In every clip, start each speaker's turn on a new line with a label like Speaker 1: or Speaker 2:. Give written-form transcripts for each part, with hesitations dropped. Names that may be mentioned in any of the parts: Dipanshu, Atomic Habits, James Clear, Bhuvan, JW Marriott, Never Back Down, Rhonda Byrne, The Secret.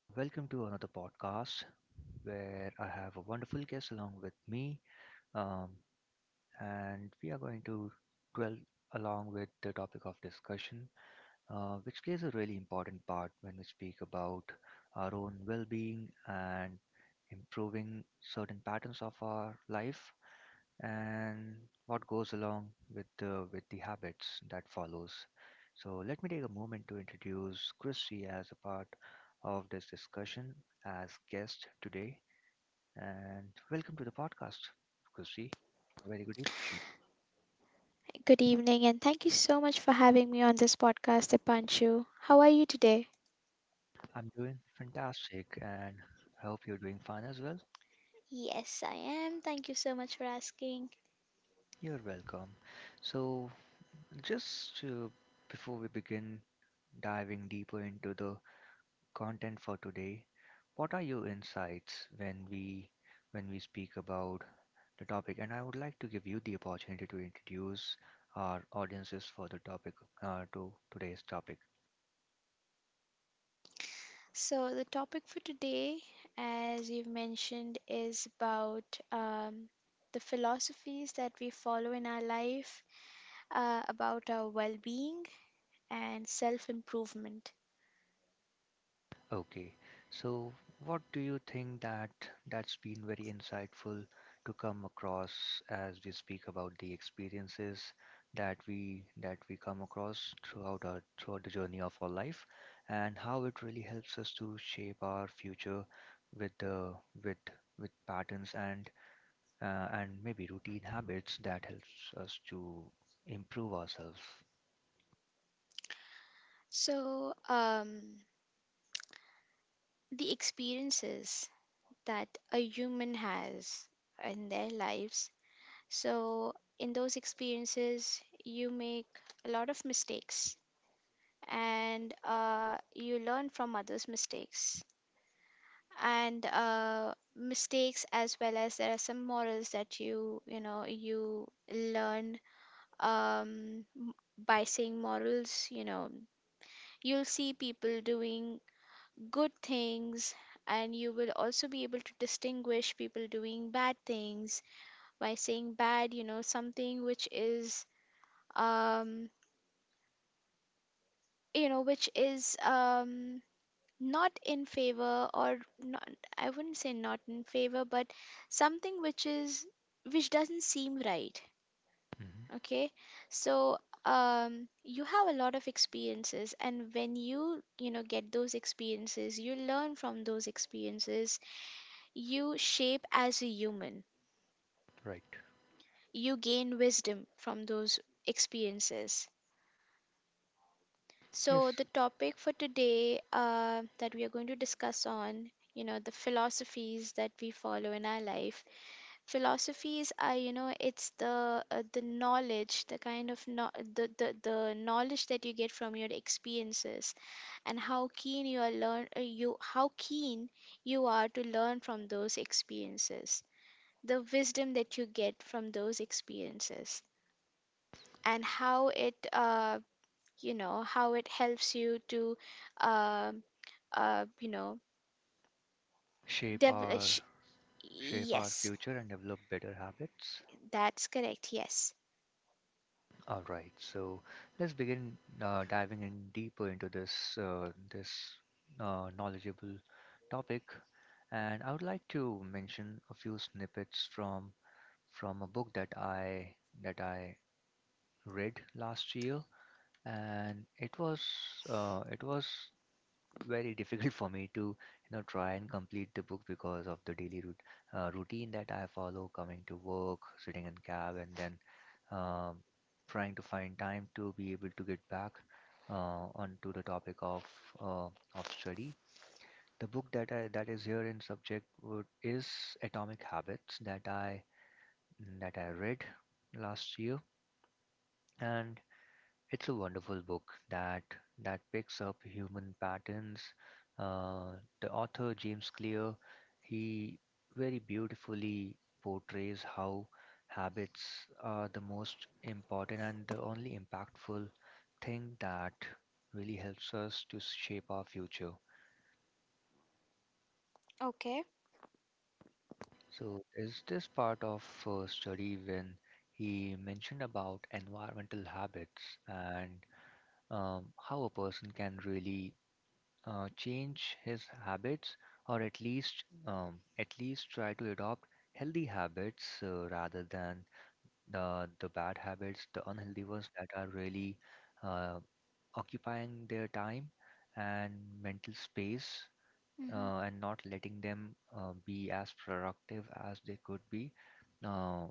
Speaker 1: Welcome to another podcast where I have a wonderful guest along with me, um, and we are going to dwell along with the topic of discussion, which plays a really important part when we speak about our own well being and improving certain patterns of our life and what goes along with with the habits that follows. So let me take a moment to introduce Chrissy as a part of this discussion as guest today, and welcome to the podcast, Chrissy. A very good evening.
Speaker 2: Good evening, and thank you so much for having me on this podcast, Dipanshu. How are you today?
Speaker 1: I'm doing fantastic, and I hope you're doing fine as well.
Speaker 2: Yes, I am. Thank you so much for asking.
Speaker 1: You're welcome. So, just before we begin diving deeper into the content for today, what are your insights when we speak about the topic? And I would like to give you the opportunity to introduce our audiences for the topic to today's topic.
Speaker 2: So, the topic for today, as you've mentioned, is about um, the philosophies that we follow in our life, about our well being and self improvement.
Speaker 1: Okay, so what do you think that that's been very insightful to come across as we speak about the experiences that we come across throughout the journey of our life and how it really helps us to shape our future with the with with patterns and maybe routine habits that helps us to improve ourselves.
Speaker 2: So, the experiences that a human has in their lives. So, in those experiences, you make a lot of mistakes, and you learn from others' mistakes. And mistakes, as well as there are some morals that you learn um, m- by seeing morals. You know, you'll see people doing good things, and you will also be able to distinguish people doing bad things by saying bad, something which is um which is not in favor, or not, I wouldn't say not in favor, but something which is which doesn't seem right.
Speaker 1: Hmm
Speaker 2: Okay. So you have a lot of experiences, and when you know get those experiences, you learn from those experiences, you shape as a human,
Speaker 1: Right.
Speaker 2: you gain wisdom from those experiences.
Speaker 1: Yes,
Speaker 2: So the topic for today, that we are going to discuss on, the philosophies that we follow in our life. Philosophies are, you know, it's the the knowledge, the kind of no- the knowledge that you get from your experiences, and how keen you are learn you how keen you are to learn from those experiences, the wisdom that you get from those experiences, and how it how it helps you to um uh, you know,
Speaker 1: shape our
Speaker 2: devilish.
Speaker 1: shape our
Speaker 2: Yes,
Speaker 1: future and develop better habits.
Speaker 2: that's correct. Yes.
Speaker 1: All right, so let's begin diving in deeper into this knowledgeable topic, and I would like to mention a few snippets from a book that I read last year, and it was very difficult for me to you know try and complete the book because of the daily routine that I follow coming to work sitting in cab and then um, trying to find time to be able to get back onto the topic uh, of study. The book that is here in subject is Atomic Habits that I read last year, and it's a wonderful book that picks up human patterns. Uh, the author James Clear, he very beautifully portrays how habits are the most important and the only impactful thing that really helps us to shape our future.
Speaker 2: Okay.
Speaker 1: So, is this part of study when he mentioned about environmental habits and how a person can really change his habits, or at least try to adopt healthy habits rather than the bad habits, the unhealthy ones that are really uh, occupying their time and mental space,
Speaker 2: Hmm.
Speaker 1: and not letting them be as productive as they could be, uh,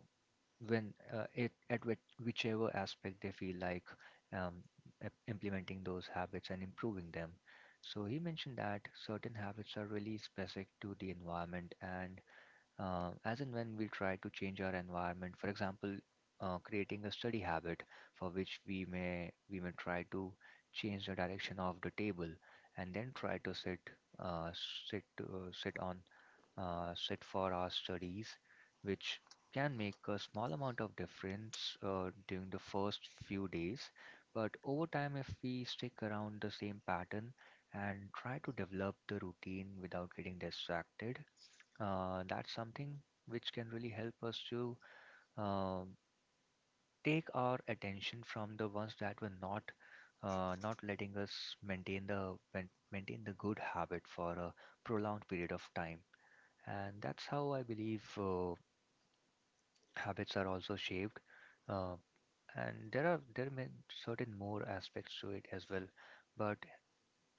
Speaker 1: when it at which, whichever aspect they feel like um, implementing those habits and improving them. So he mentioned that certain habits are really specific to the environment, and as and when we try to change our environment, for example, creating a study habit for which we may try to change the direction of the table, and then try to sit uh, sit sit on set for our studies, which can make a small amount of difference during the first few days. But over time, if we stick around the same pattern and try to develop the routine without getting distracted, that's something which can really help us to um take our attention from the ones that were not not letting us maintain the good habit for a prolonged period of time. And that's how I believe habits are also shaped. Uh, and there are certain more aspects to it as well. But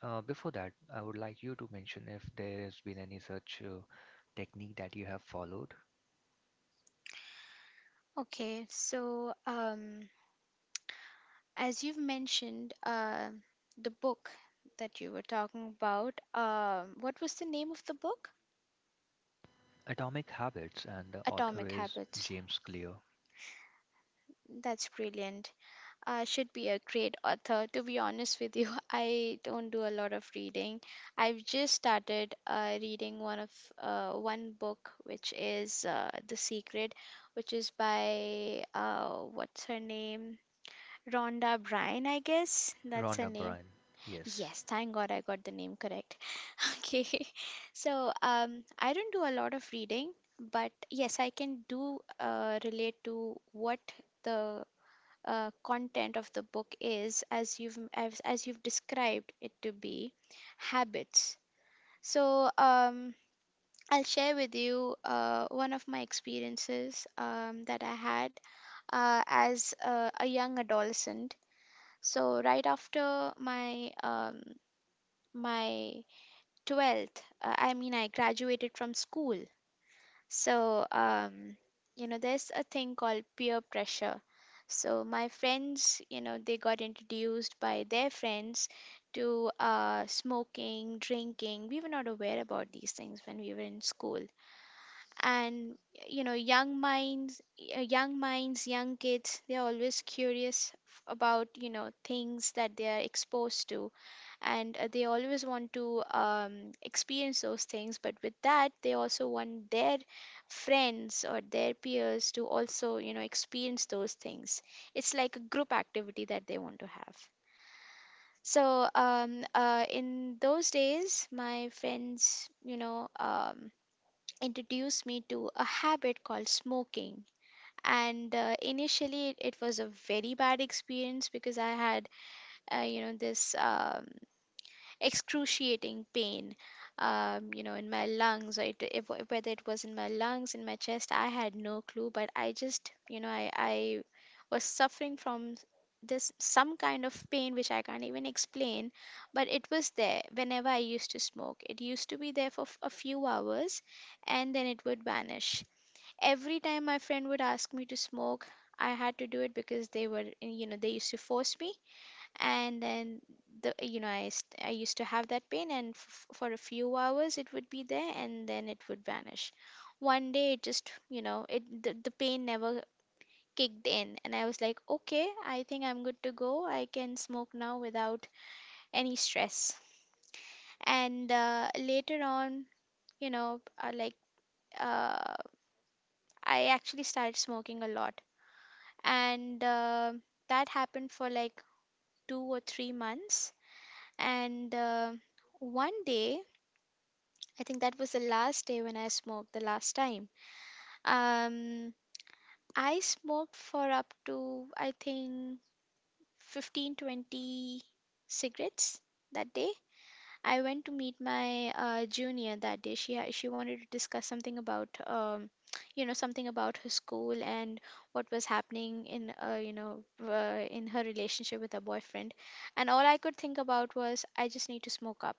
Speaker 1: before that, I would like you to mention if there has been any such technique that you have followed.
Speaker 2: Okay, so as you've mentioned, the book that you were talking about, what was the name of the book?
Speaker 1: Atomic Habits, and the author
Speaker 2: Atomic
Speaker 1: is
Speaker 2: Habits.
Speaker 1: James Clear.
Speaker 2: That's brilliant. Uh, should be a great author. To be honest with you, I don't do a lot of reading. I've just started reading one book, which is The Secret, which is by what's her name, Rhonda Bryan, I guess that's her
Speaker 1: Rhonda
Speaker 2: name.
Speaker 1: Byrne. Yes.
Speaker 2: Yes, thank God I got the name correct. Okay, so I don't do a lot of reading, but yes, I can do relate to what the content of the book is as you've described it to be. Habits. So I'll share with you one of my experiences, that I had as a young adolescent. So right after my my 12th, I mean I graduated from school. So, you know, there's a thing called peer pressure. So, my friends, you know, they got introduced by their friends to smoking, drinking. We were not aware about these things when we were in school, and you know, young minds, young kids, they're always about, you know, things that they are exposed to, and they always want to experience those things, but with that they also want their friends or their peers to also, you know, experience those things. It's like a group activity that they want to have. So in those days my friends, introduced me to a habit called smoking. And initially, it was a very bad experience because I had, you know, this. Excruciating pain, you know, in my lungs, or it, if, whether it was in my lungs in my chest, I had no clue, but I just, you know, I was suffering from this some kind of pain which I can't even explain, but it was there. Whenever I used to smoke it used to be there for a few hours and then it would vanish. Every time my friend would ask me to smoke I had to do it because they were, you know, they used to force me. And then the you know I used to have that pain and for a few hours it would be there and then it would vanish. One day it just, you know, the pain never kicked in, and I was like, okay, I think I'm good to go, I can smoke now without any stress. And later on, you know uh, like uh, I actually started smoking a lot. And that happened for like 2 or 3 months. And one day, I think that was the last day when I smoked the last time. Um, I smoked for up to, I think, 15, 20 cigarettes that day. I went to meet my junior that day. She wanted to discuss something about, you know, something about her school and what was happening in, in her relationship with her boyfriend. And all I could think about was, I just need to smoke up.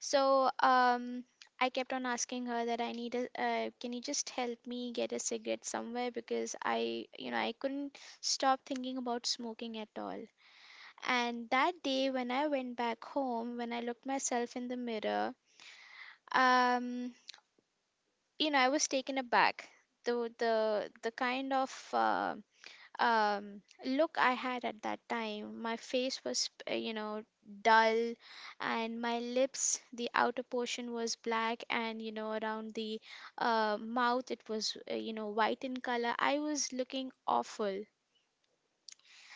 Speaker 2: So I kept on asking her that I need a, can you just help me get a cigarette somewhere, because I, you know, I couldn't stop thinking about smoking at all. And that day when I went back home, when I looked myself in the mirror, um, you know, I was taken aback. The kind of look I had at that time. My face was, you know, dull, and my lips, the outer portion was black, and you know, around the mouth, it was, you know, white in color. I was looking awful.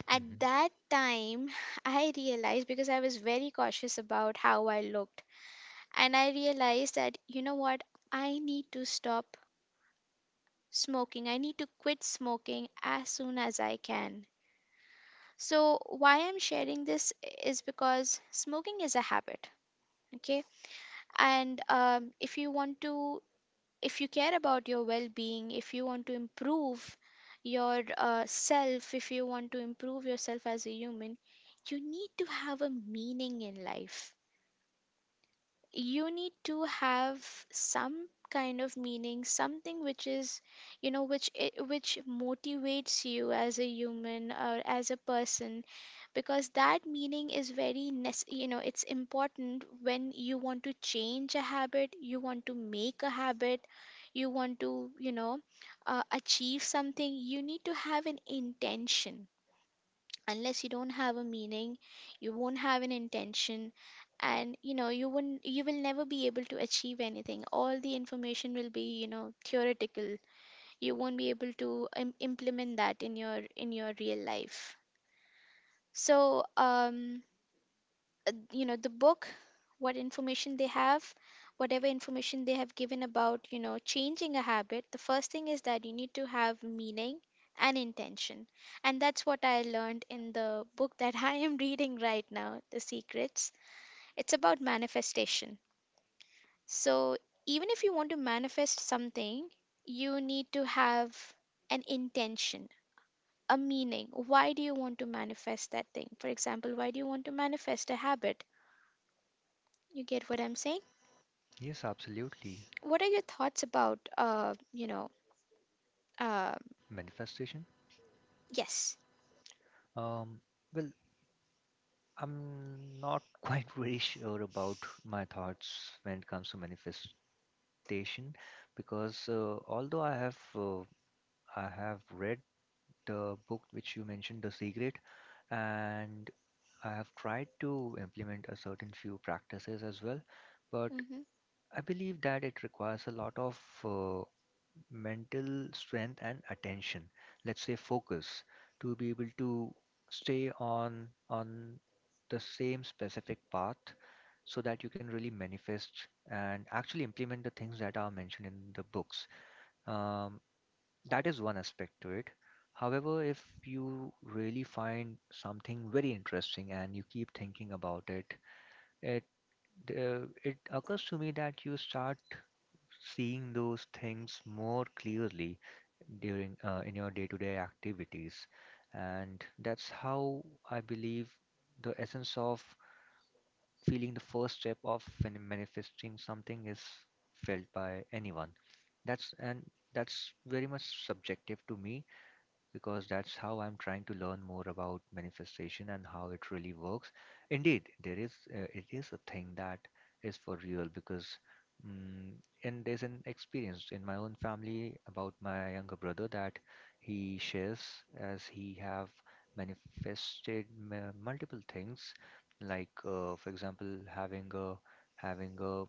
Speaker 2: At
Speaker 1: hmm
Speaker 2: that time, I realized, because I was very cautious about how I looked, and I realized that, you know what, I need to stop smoking. I need to quit smoking as soon as I can. So, why I'm sharing this is because smoking is a habit, okay? And if you want to, if you care about your well being, if you want to improve your self, if you want to improve yourself as a human, you need to have a meaning in life. You need to have some kind of meaning, something which is, you know, which motivates you as a human or as a person, because that meaning is very you know, it's important. When you want to change a habit, you want to make a habit, you want to, you know, achieve something, you need to have an intention. Unless you don't have a meaning you won't have an intention, and you know, you will never be able to achieve anything, all the information will be, you know, theoretical. You won't be able to implement that in your real life. So you know, the book, what information they have whatever information they have given about, you know, changing a habit, the first thing is that you need to have meaning and intention. And that's what I learned in the book that I am reading right now, The Secrets. It's about manifestation. So even if you want to manifest something, you need to have an intention, a meaning. Why do you want to manifest that thing? For example, why do you want to manifest a habit? You get what I'm saying?
Speaker 1: Yes, absolutely.
Speaker 2: What are your thoughts about, uh
Speaker 1: Manifestation.
Speaker 2: yes.
Speaker 1: Um, well, I'm not quite very sure about my thoughts when it comes to manifestation, because although I have read the book which you mentioned, The Secret, and I have tried to implement a certain few practices as well, but
Speaker 2: Mm-hmm.
Speaker 1: I believe that it requires a lot of uh, mental strength and attention, let's say focus, to be able to stay on the same specific path so that you can really manifest and actually implement the things that are mentioned in the books. Um, that is one aspect to it. However, if you really find something very interesting and you keep thinking about it, it it occurs to me that you start seeing those things more clearly during in your day-to-day activities, and that's how I believe the essence of feeling the first step of when manifesting something is felt by anyone. that's and that's very much subjective to me, because that's how I'm trying to learn more about manifestation and how it really works. Indeed, there is it is a thing that is for real, because mm and there's an experience in my own family about my younger brother that he shares, as he have manifested multiple things. Like for example, having a having a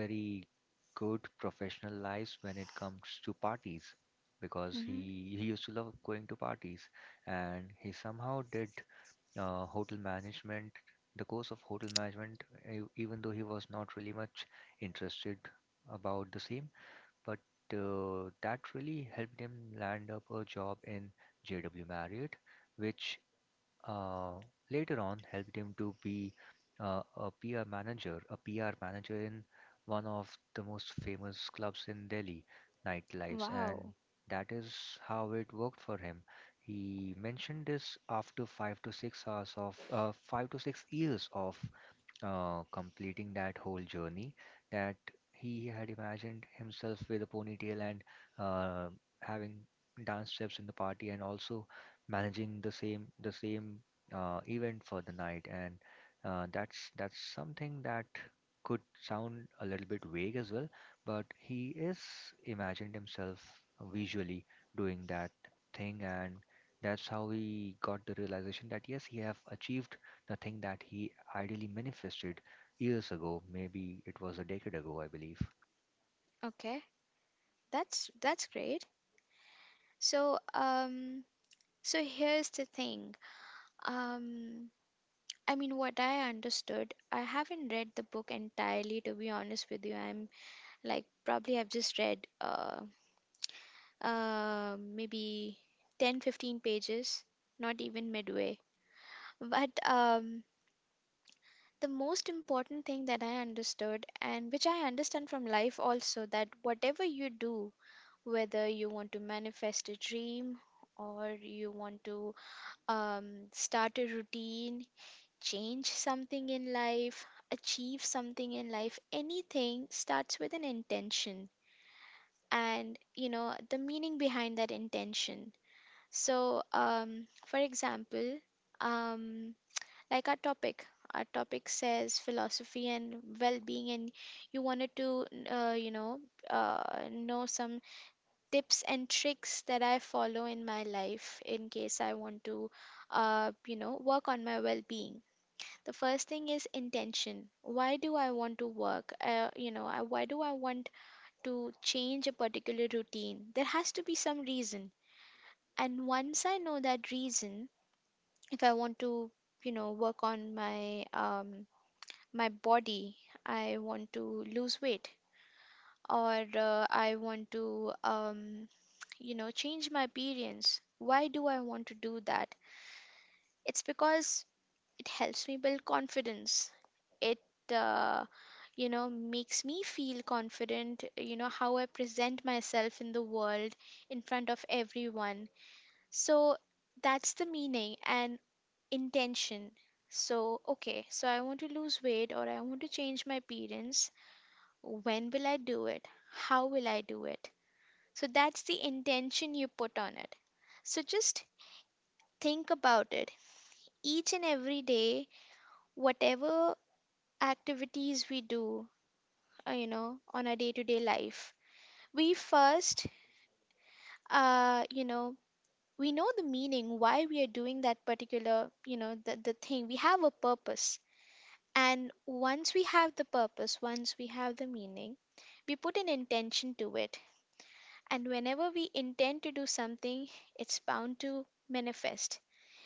Speaker 1: very good professional lives when it comes to parties, because he
Speaker 2: Mm-hmm.
Speaker 1: he used to love going to parties, and he somehow did hotel management the course of hotel management, even though he was not really much interested about the same. But that really helped him land up a job in JW Marriott, which uh, later on helped him to be a PR manager in one of the most famous clubs in Delhi nightlives, and
Speaker 2: Wow.
Speaker 1: that is how it worked for him. He mentioned this after 5 to 6 years of completing that whole journey, that he had imagined himself with a ponytail and uh, having dance steps in the party and also managing the same event for the night, and that's something that could sound a little bit vague as well, but he is imagined himself visually doing that thing, and that's how he got the realization that yes, he have achieved the thing that he ideally manifested years ago. Maybe it was a decade ago, I believe.
Speaker 2: Okay, that's great. So here's the thing. um I mean, what I understood, I haven't read the book entirely, to be honest with you, I'm like, probably I've just read maybe 10, 15 pages, not even midway. But the most important thing that I understood, and which I understand from life also, that whatever you do, whether you want to manifest a dream, or you want to um, start a routine, change something in life, achieve something in life, anything starts with an intention, and you know, the meaning behind that intention. So, for example, um, like our topic. Our topic says philosophy and well being, and you wanted to, you uh, know some tips and tricks that I follow in my life in case I want to, you know, work on my well being. The first thing is intention. Why do I want to work? You know, I, why do I want to change a particular routine? There has to be some reason. And once I know that reason, if I want to work on my my body, I want to lose weight, or I want to change my appearance. Why do I want to do that? It's because it helps me build confidence. It uh, you know makes me feel confident, you know, how I present myself in the world, in front of everyone. So that's the meaning and intention. So okay, so I want to lose weight or I want to change my appearance. When will I do it? How will I do it? So that's the intention you put on it. So just think about it. Each and every day, whatever activities we do, on our day to day life, we first, uh, you know, we know the meaning why we are doing that particular, you know, the thing. We have a purpose. And once we have the purpose, once we have the meaning, we put an intention to it. And whenever we intend to do something, it's bound to manifest.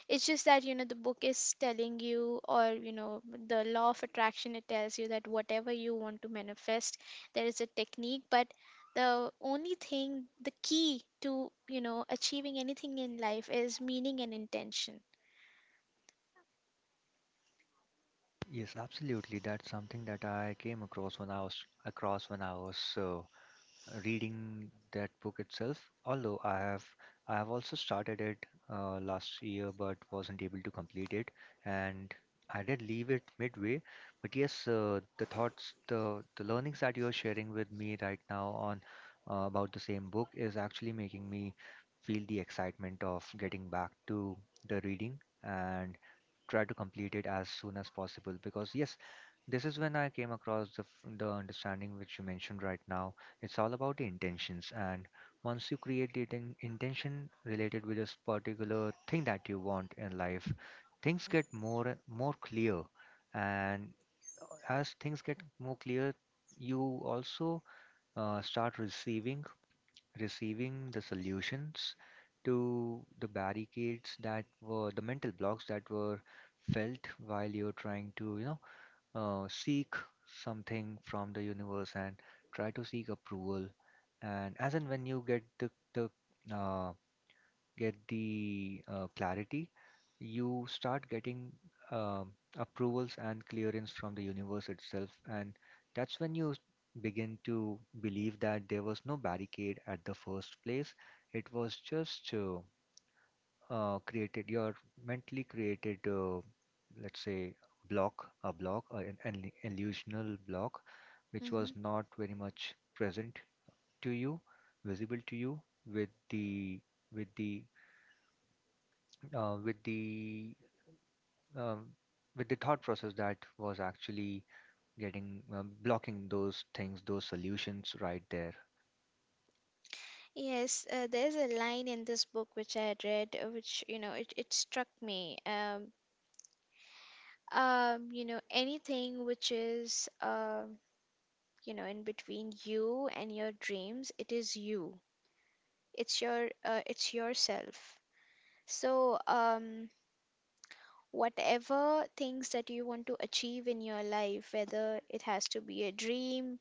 Speaker 2: It's just that, you know, the book is telling you, or, you know, the law of attraction, it tells you that whatever you want to manifest, there is a technique. But the only thing, the key to, you know, achieving anything in life is meaning and intention.
Speaker 1: Yes, absolutely. That's something that I came across when I was across when I was uh, reading that book itself, although I have also started it last year but wasn't able to complete it, and I did leave it midway. But yes, the thoughts, the learnings that you're sharing with me right now on about the same book is actually making me feel the excitement of getting back to the reading and try to complete it as soon as possible, because yes, this is when I came across the understanding which you mentioned right now. It's all about the intentions, and once you create the intention related with this particular thing that you want in life, things get more and more clear. And as things get more clear, you also start receiving receiving the solutions to the barricades that were the mental blocks that were felt while you're trying to you know seek something from the universe and try to seek approval. And as and when you get the uh, get the clarity, you start getting um, approvals and clearance from the universe itself, and that's when you begin to believe that there was no barricade at the first place. It was just created your mentally created let's say block, an illusional block which was
Speaker 2: Hmm.
Speaker 1: not very much present to you, visible to you, with the with the uh, with the um, with the thought process that was actually getting blocking those things, those solutions right there.
Speaker 2: Yes, there's a line in this book which I read, which, you know, it struck me. You know, anything which is, um, you know, in between you and your dreams, it is you. It's your it's yourself. So, um, whatever things that you want to achieve in your life, whether it has to be a dream,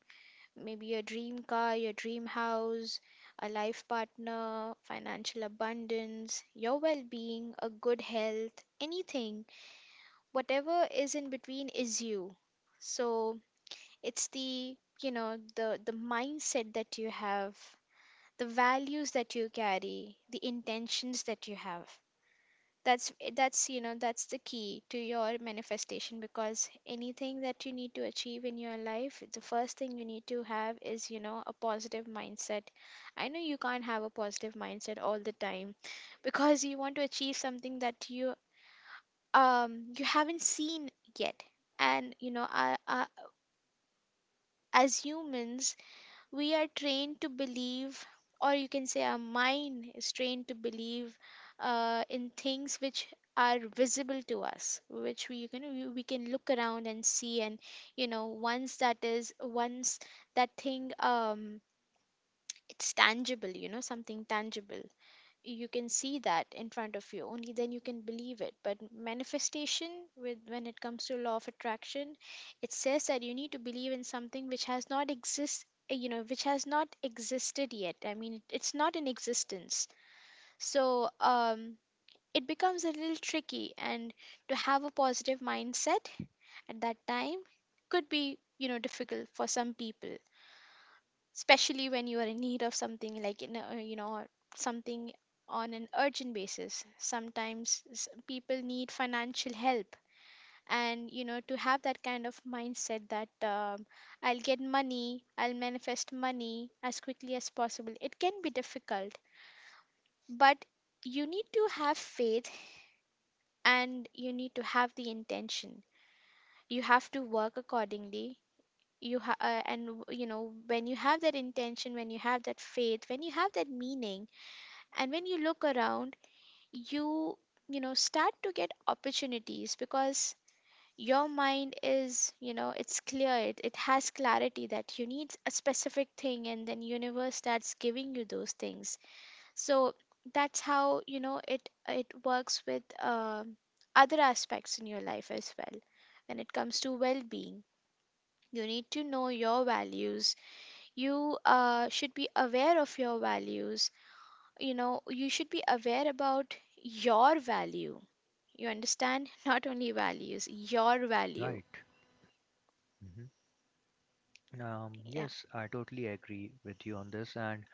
Speaker 2: maybe your dream car, your dream house, a life partner, financial abundance, your well-being, a good health, anything, whatever is in between is you. So it's the, you know, the mindset that you have, the values that you carry, the intentions that you have. That's you know, that's the key to your manifestation, because anything that you need to achieve in your life, the first thing you need to have is, you know, a positive mindset. I know you can't have a positive mindset all the time, because you want to achieve something that you, um, you haven't seen yet. And you know, as humans, we are trained to believe, or you can say our mind is trained to believe, in things which are visible to us, which we can look around and see. And you know, once that thing, um, it's tangible, you know, something tangible, you can see that in front of you, only then you can believe it. But manifestation, with, when it comes to law of attraction, it says that you need to believe in something which has not exist, you know, which has not existed yet. I mean, it's not in existence. So, um, it becomes a little tricky, and to have a positive mindset at that time could be, you know, difficult for some people, especially when you are in need of something, like in a, you know, something on an urgent basis. Sometimes people need financial help, and you know, to have that kind of mindset that, I'll get money, I'll manifest money as quickly as possible, it can be difficult. But you need to have faith, and you need to have the intention. You have to work accordingly. You ha- and w- You know, when you have that intention, when you have that faith, when you have that meaning, and when you look around, you you know, start to get opportunities, because your mind is, you know, it's clear, it has clarity that you need a specific thing, and then universe starts giving you those things. So that's how, you know, it works with, um, other aspects in your life as well. When it comes to well-being, you need to know your values. You should be aware of your values. You know, you should be aware about your value. You understand? Not only values, your value.
Speaker 1: right hmm
Speaker 2: Yeah.
Speaker 1: yes, I totally agree with you on this, and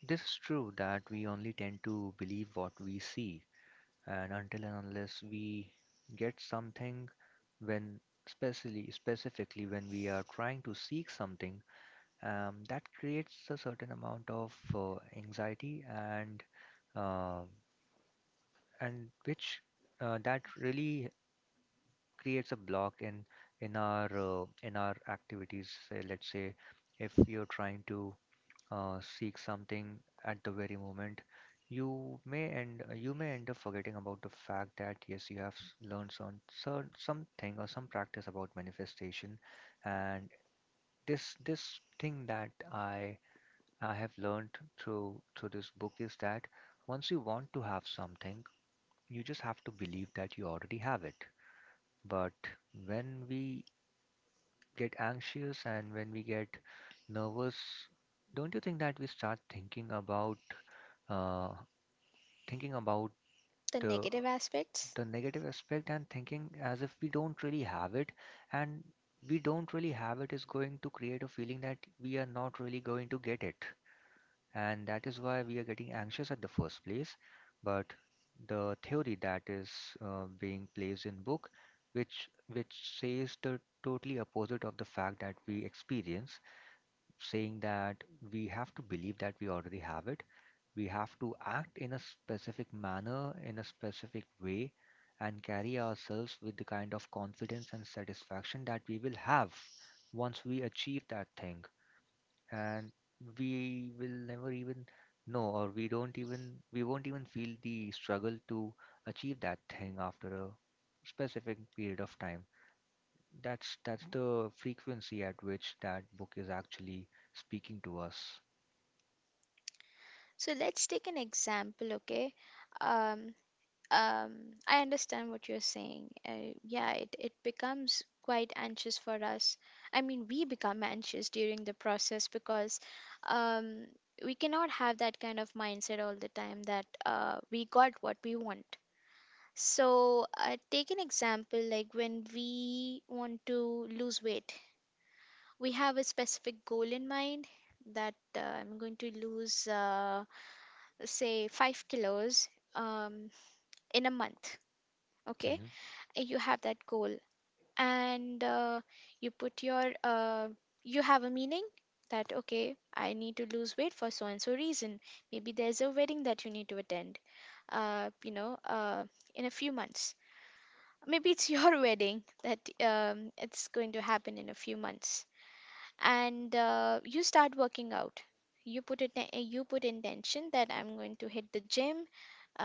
Speaker 1: this is true that we only tend to believe what we see, and until and unless we get something when, especially specifically when we are trying to seek something, that creates a certain amount of anxiety, uh, and which that really creates a block in in our activities. Say, let's say if you're trying to seek something at the very moment, you may end up forgetting about the fact that yes, you have learned some something or some practice about manifestation, and this thing that I have learned through this book is that once you want to have something, you just have to believe that you already have it. But when we get anxious and when we get nervous, don't you think that we start thinking about uh, thinking about
Speaker 2: The
Speaker 1: the
Speaker 2: negative aspects.
Speaker 1: the negative aspect, and thinking as if we don't really have it, and we don't really have it is going to create a feeling that we are not really going to get it, and that is why we are getting anxious at the first place. But the theory that is being placed in book, which says the totally opposite of the fact that we experience, saying that we have to believe that we already have it. We have to act in a specific manner, in a specific way, and carry ourselves with the kind of confidence and satisfaction that we will have once we achieve that thing. And we will never even know, or we don't even, we won't even feel the struggle to achieve that thing after a specific period of time. That's the frequency at which that book is actually speaking to us.
Speaker 2: So let's take an example. Okay. um um I understand what you're saying. Uh, yeah, it becomes quite anxious for us, I mean, we become anxious during the process, because, um, we cannot have that kind of mindset all the time that, we got what we want. So, take an example, like when we want to lose weight, we have a specific goal in mind that, I'm going to lose, say, 5 kilos, um, in a month. Okay,
Speaker 1: Mm-hmm.
Speaker 2: you have that goal, and you put your you have a meaning that, okay, I need to lose weight for so and so reason. Maybe there's a wedding that you need to attend, Uh, you know, uh, in a few months. Maybe it's your wedding that, it's going to happen in a few months. And you start working out, you put intention that I'm going to hit the gym,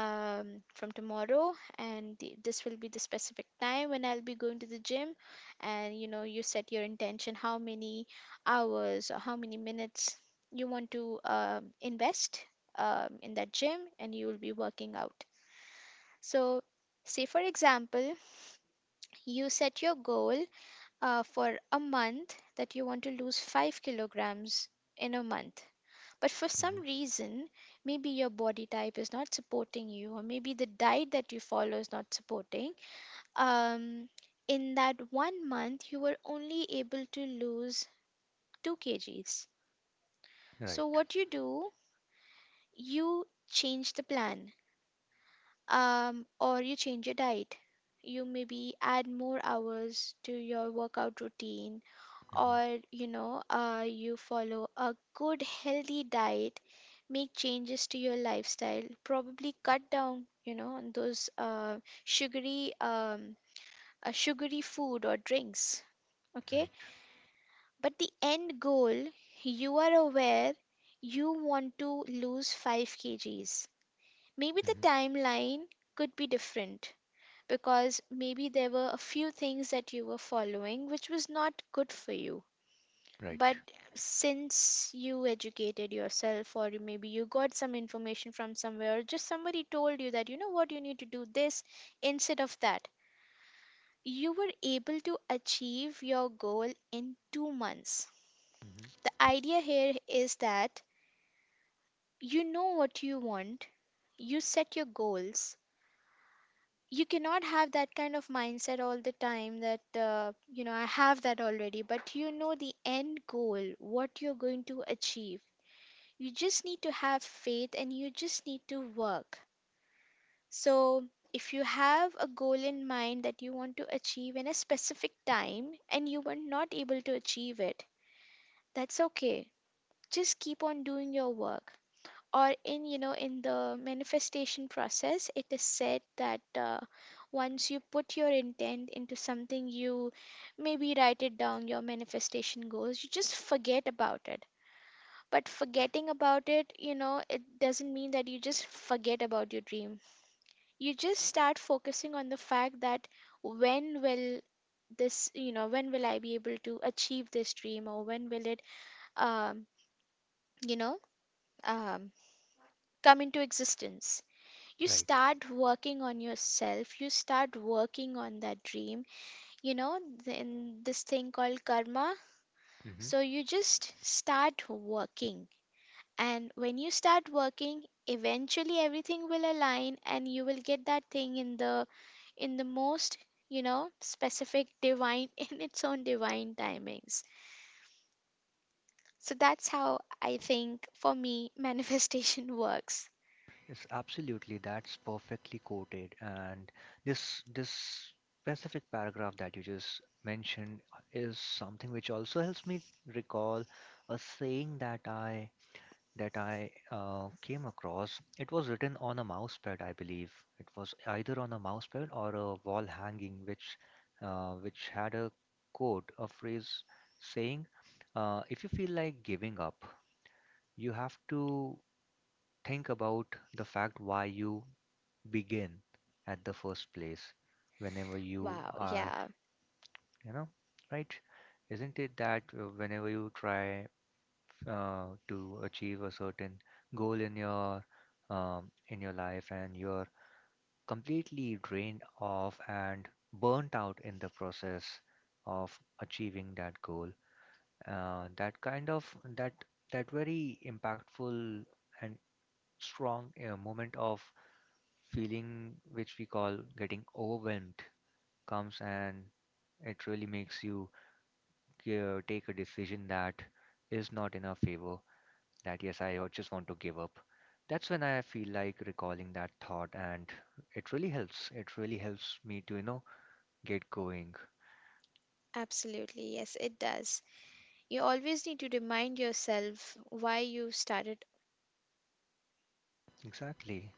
Speaker 2: from tomorrow, and this will be the specific time when I'll be going to the gym. And you know, you set your intention, how many hours or how many minutes you want to, invest, in that gym, and you will be working out. So, say for example, you set your goal, for a month, that you want to lose 5 kilograms in a month. But for some
Speaker 1: hmm
Speaker 2: reason, maybe your body type is not supporting you, or maybe the diet that you follow is not supporting, um, in that one month you were only able to lose 2 kgs.
Speaker 1: Right.
Speaker 2: So what you do, you change the plan, or you change your diet. You maybe add more hours to your workout routine, or
Speaker 1: hmm
Speaker 2: you know, you follow a good healthy diet, make changes to your lifestyle, probably cut down, you know, on those sugary um, sugary food or drinks. Okay,
Speaker 1: Right.
Speaker 2: but the end goal you are aware, you want to lose 5 kgs. Maybe the
Speaker 1: hmm
Speaker 2: timeline could be different, because maybe there were a few things that you were following which was not good for you.
Speaker 1: Right.
Speaker 2: But since you educated yourself, or maybe you got some information from somewhere, or just somebody told you that, you know what, you need to do this instead of that, you were able to achieve your goal in 2 months. The
Speaker 1: hmm
Speaker 2: idea here is that you know what you want, you set your goals. You cannot have that kind of mindset all the time that, you know, I have that already. But you know the end goal, what you're going to achieve. You just need to have faith, and you just need to work. So, if you have a goal in mind that you want to achieve in a specific time and you were not able to achieve it, that's okay. Just keep on doing your work. Or in, you know, in the manifestation process, it is said that, once you put your intent into something, you maybe write it down, your manifestation goals. You just forget about it. But forgetting about it, you know, it doesn't mean that you just forget about your dream. You just start focusing on the fact that when will this, you know, when will I be able to achieve this dream, or when will it, um, you know, um, come into existence. You
Speaker 1: Right.
Speaker 2: start working on yourself, you start working on that dream, you know, in this thing called karma. So
Speaker 1: hmm
Speaker 2: you just start working. And when you start working, eventually everything will align, and you will get that thing in the, in the most, you know, specific divine in its own divine timings. So that's how I think, for me, manifestation works.
Speaker 1: It's absolutely that's perfectly quoted, and this specific paragraph that you just mentioned is something which also helps me recall a saying that I came across. It was written on a mouse pad, I believe. It was either on a mouse pad or a wall hanging, which had a quote, a phrase saying, "If you feel like giving up, you have to think about the fact why you begin at the first place. Whenever you
Speaker 2: Wow,
Speaker 1: are,
Speaker 2: yeah.
Speaker 1: you know, right? Isn't it that whenever you try to achieve a certain goal in your life, and you're completely drained off and burnt out in the process of achieving that goal, that kind of that very impactful and strong moment of feeling which we call getting overwhelmed comes, and it really makes you take a decision that is not in our favor, that yes, I just want to give up. That's when I feel like recalling that thought, and it really helps. It really helps me to, you know, get going.
Speaker 2: Absolutely. Yes, it does. You always need to remind yourself why you started.
Speaker 1: Exactly.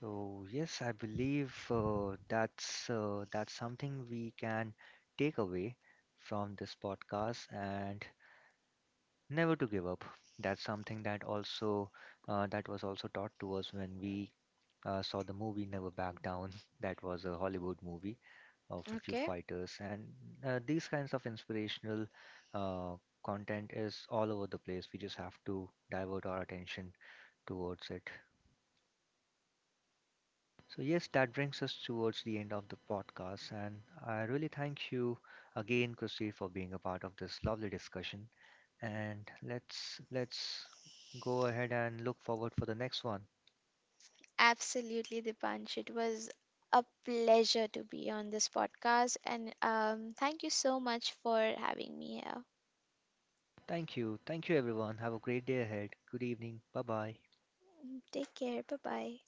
Speaker 1: So yes, I believe that's something we can take away from this podcast, and never to give up. That's something that also that was also taught to us when we saw the movie Never Back Down that was a Hollywood movie of a few
Speaker 2: Okay.
Speaker 1: fighters, and these kinds of inspirational uh, content is all over the place. We just have to divert our attention towards it. So, yes, that brings us towards the end of the podcast. And I really thank you again, Christy, for being a part of this lovely discussion. And let's go ahead and look forward for the next one.
Speaker 2: Absolutely, Dipansh. It was a pleasure to be on this podcast. And thank you so much for having me here.
Speaker 1: Thank you. Thank you everyone. Have a great day ahead. Good evening. Bye bye.
Speaker 2: Mm, take care. Bye bye.